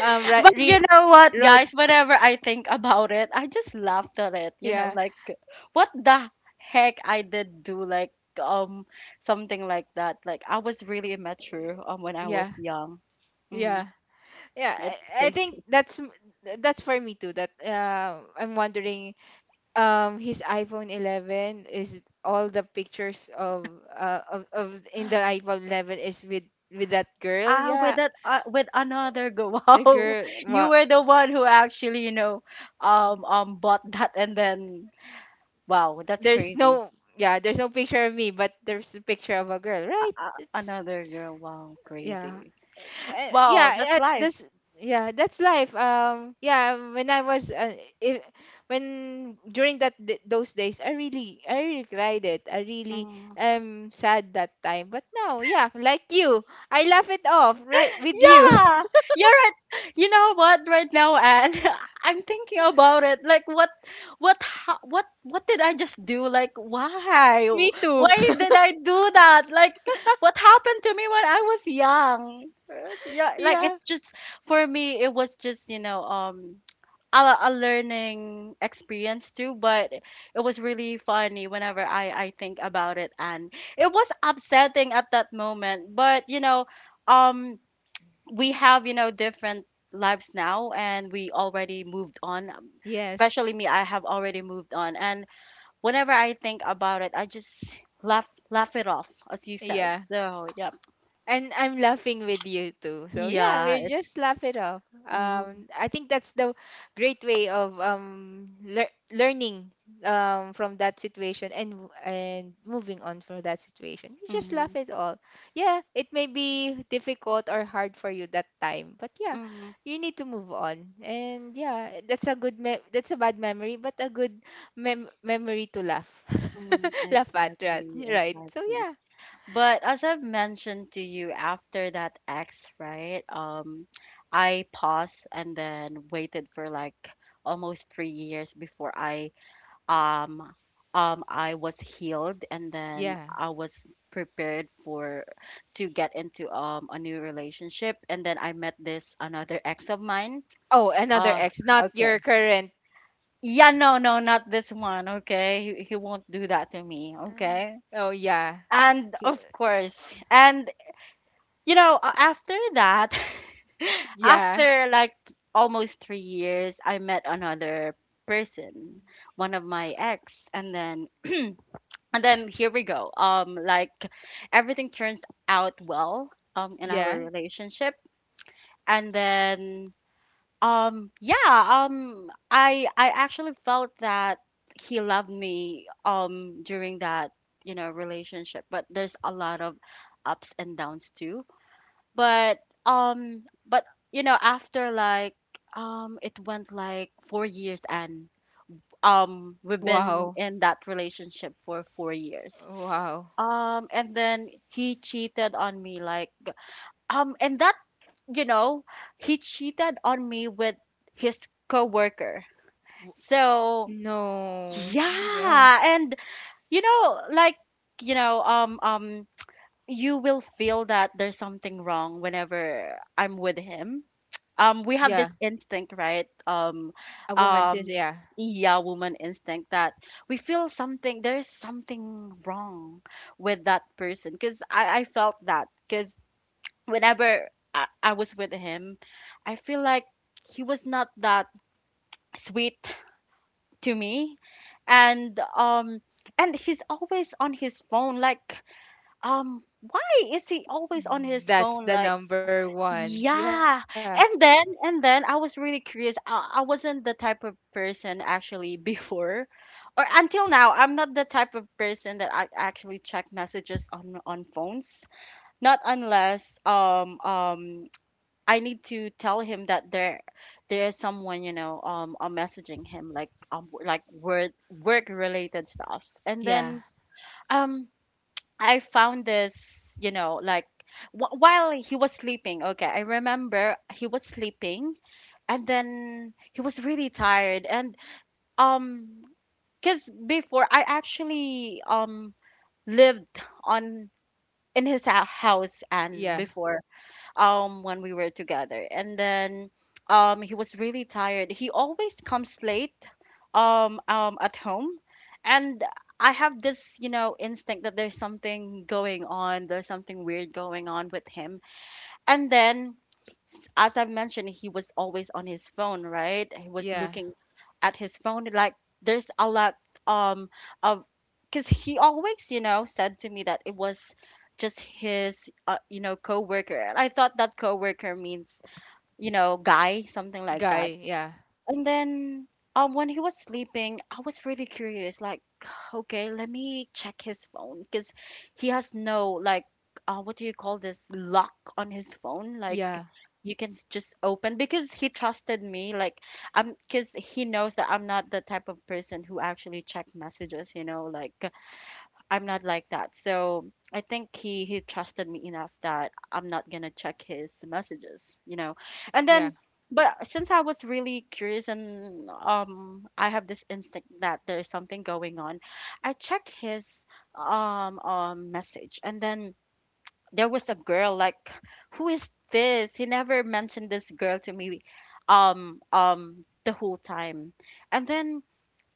um right But you re- know what, road, guys? Whenever I think about it, I just laughed at it. You know, yeah, like what the heck I did do, like um something like that. Like I was really immature when I yeah, was young. Mm, yeah. Yeah, it's I crazy. think that's that's for me too, that I'm wondering his iPhone 11 is all the pictures of of in the iPhone 11 is with that girl. Ah, Yeah, with that, with another go. the Wow, girl, you well, were the one who actually, you know, bought that, and then wow, that's there's crazy. no, yeah, there's no picture of me, but there's a picture of a girl, right? It's Another girl. Wow, yeah, crazy. Well, that's yeah, at this. life. Yeah, that's life. Um, yeah, when I was, I when during that those days, I really cried it. I really Mhm. am sad that time. But now, yeah, like you, I laugh it off, right, with you. Yeah, you're right. You know what? Right now, and I'm thinking about it. Like, what did I just do? Like, why? Me too. Why did I do that? Like, what happened to me when I was young? Yeah, like Yeah. it's just for me. It was just a learning experience too. But it was really funny whenever I think about it, and it was upsetting at that moment. But um we have you know different lives now, and we already moved on, Yes. especially me. I have already moved on, and whenever I think about it, I just laugh it off, as you said. Yeah. So yeah, And I'm laughing with you too. So yeah, yeah, we it's just laugh it off. mm-hmm, I think that's the great way of learning from that situation, and moving on from that situation. You just mm-hmm, laugh it all. Yeah, it may be difficult or hard for you that time, but yeah, mm-hmm, you need to move on. And yeah, that's a that's a bad memory, but a good memory to laugh, mm-hmm, laugh at, right? exactly, Right. So yeah, but as I've mentioned to you, after that ex, right, I paused and then waited for like almost 3 years before I um I was healed and then yeah. I was prepared for to get into a new relationship, and then I met this another ex of mine. Oh, another Uh ex, not your okay. current. Yeah, no, no, not this one, okay? He won't do that to me, Ah. okay? Oh, yeah. And So, of course. And you know, a- after that yeah. after like almost 3 years I met another person, one of my ex, and then and then here we go, like everything turns out well in our Yeah. relationship. And then um yeah I actually felt that he loved me during that you know relationship, but there's a lot of ups and downs too. But um but you know, after like it went like 4 years, and we've been Wow. in that relationship for 4 years, Wow. And then he cheated on me, like and that you know he cheated on me with his coworker. So No. Yeah. yeah, and you know, like you know, you will feel that there's something wrong whenever I'm with him. We have Yeah. this instinct, right? A woman says um, yeah. yeah, woman instinct that we feel something. There is something wrong with that person. Because I felt that. Because whenever I was with him, I feel like he was not that sweet to me, and and he's always on his phone, like why is he always on his That's the phone? Like, number one. Yeah. yeah. And then I was really curious. I wasn't the type of person actually before, or until now. I'm not the type of person that I actually check messages on phones. Not unless I need to tell him that there is someone you know I'm messaging him, like word work related stuff, and Yeah. then um I found this, you know, like wh- while he was sleeping. Okay, I remember he was sleeping, and then he was really tired. And um, because before I actually lived on in his hou- house and Yeah. before when we were together, and then he was really tired. He always comes late at home, and I have this you know instinct that there's something going on, there's something weird going on with him. And then, s- as I've mentioned, he was always on his phone, right? He was Yeah. looking at his phone. Like, there's a lot um of, because he always, you know, said to me that it was just his, you know, coworker. And I thought that coworker means, you know, guy, something like that. Guy. Yeah. And then, when he was sleeping, I was really curious. Like, okay, let me check his phone because he has no like, what do you call this, lock on his phone? Like Yeah. you can s- just open, because he trusted me. Like because he knows that I'm not the type of person who actually check messages, you know, like I'm not like that. So I think he trusted me enough that I'm not gonna check his messages, you know. And Yeah. then, but since I was really curious, and I have this instinct that there's something going on, I check his message. And then there was a girl, like who is this? He never mentioned this girl to me the whole time. And then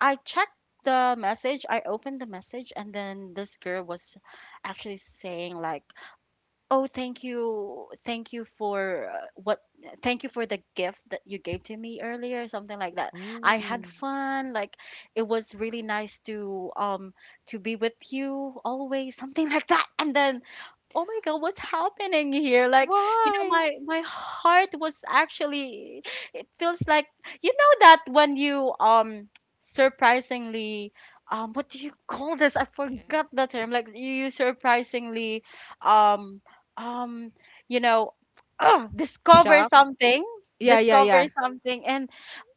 I checked the message, I opened the message, and then this girl was actually saying like, "Oh, thank you. Thank you for what thank you for the gift that you gave to me earlier," something like that. "I had Ooh. fun. Like it was really nice to be with you always," something like that. And then, oh my God, what's happening here? Like, you know, Why? my heart was actually, it feels like you know that when you surprisingly what do you call this? I forgot the term. Like you surprisingly um um you know oh, discover Shock. Y- something, Yeah. Yeah. Yeah. And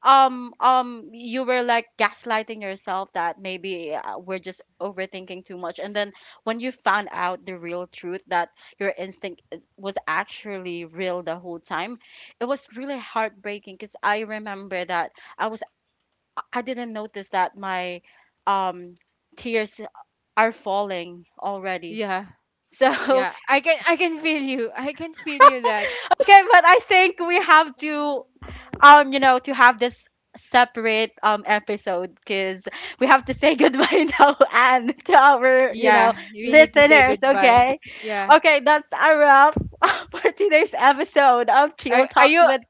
you were like gaslighting yourself that maybe we're just overthinking too much, and then when you found out the real truth that your was actually real the whole time, it was really heartbreaking. Because I remember that I was, I didn't notice that my um tears are falling already. Yeah. So Yeah. I can. I can feel you. I can feel you. That. okay, but I think we have to you know to have this separate episode, because we have to say goodbye now, and to our you know Yeah. We need to say listeners, goodbye. okay? Yeah. Okay, that's a wrap for today's episode of Are Chill are Talks you, with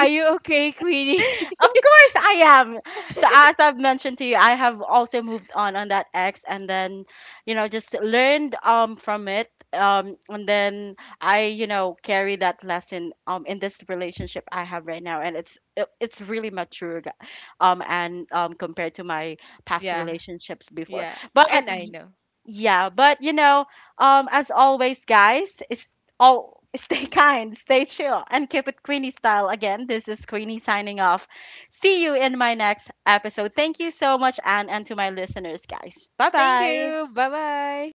are you okay, Queenie? Of course I am. So as I've mentioned to you, I have also moved on that ex, and then, you know, just learned from it. And then I, you know, carry that lesson in this relationship I have right now, and it's really mature g- and compared to my past Yeah, relationships before. yeah. But And I know. yeah, but you know, as always, guys, it's all stay kind, stay chill, and keep it Queenie style. Again, this is Queenie signing off. See you in my next episode. Thank you so much, Anne, and to my listeners, guys. Bye Thank bye. you. Bye bye.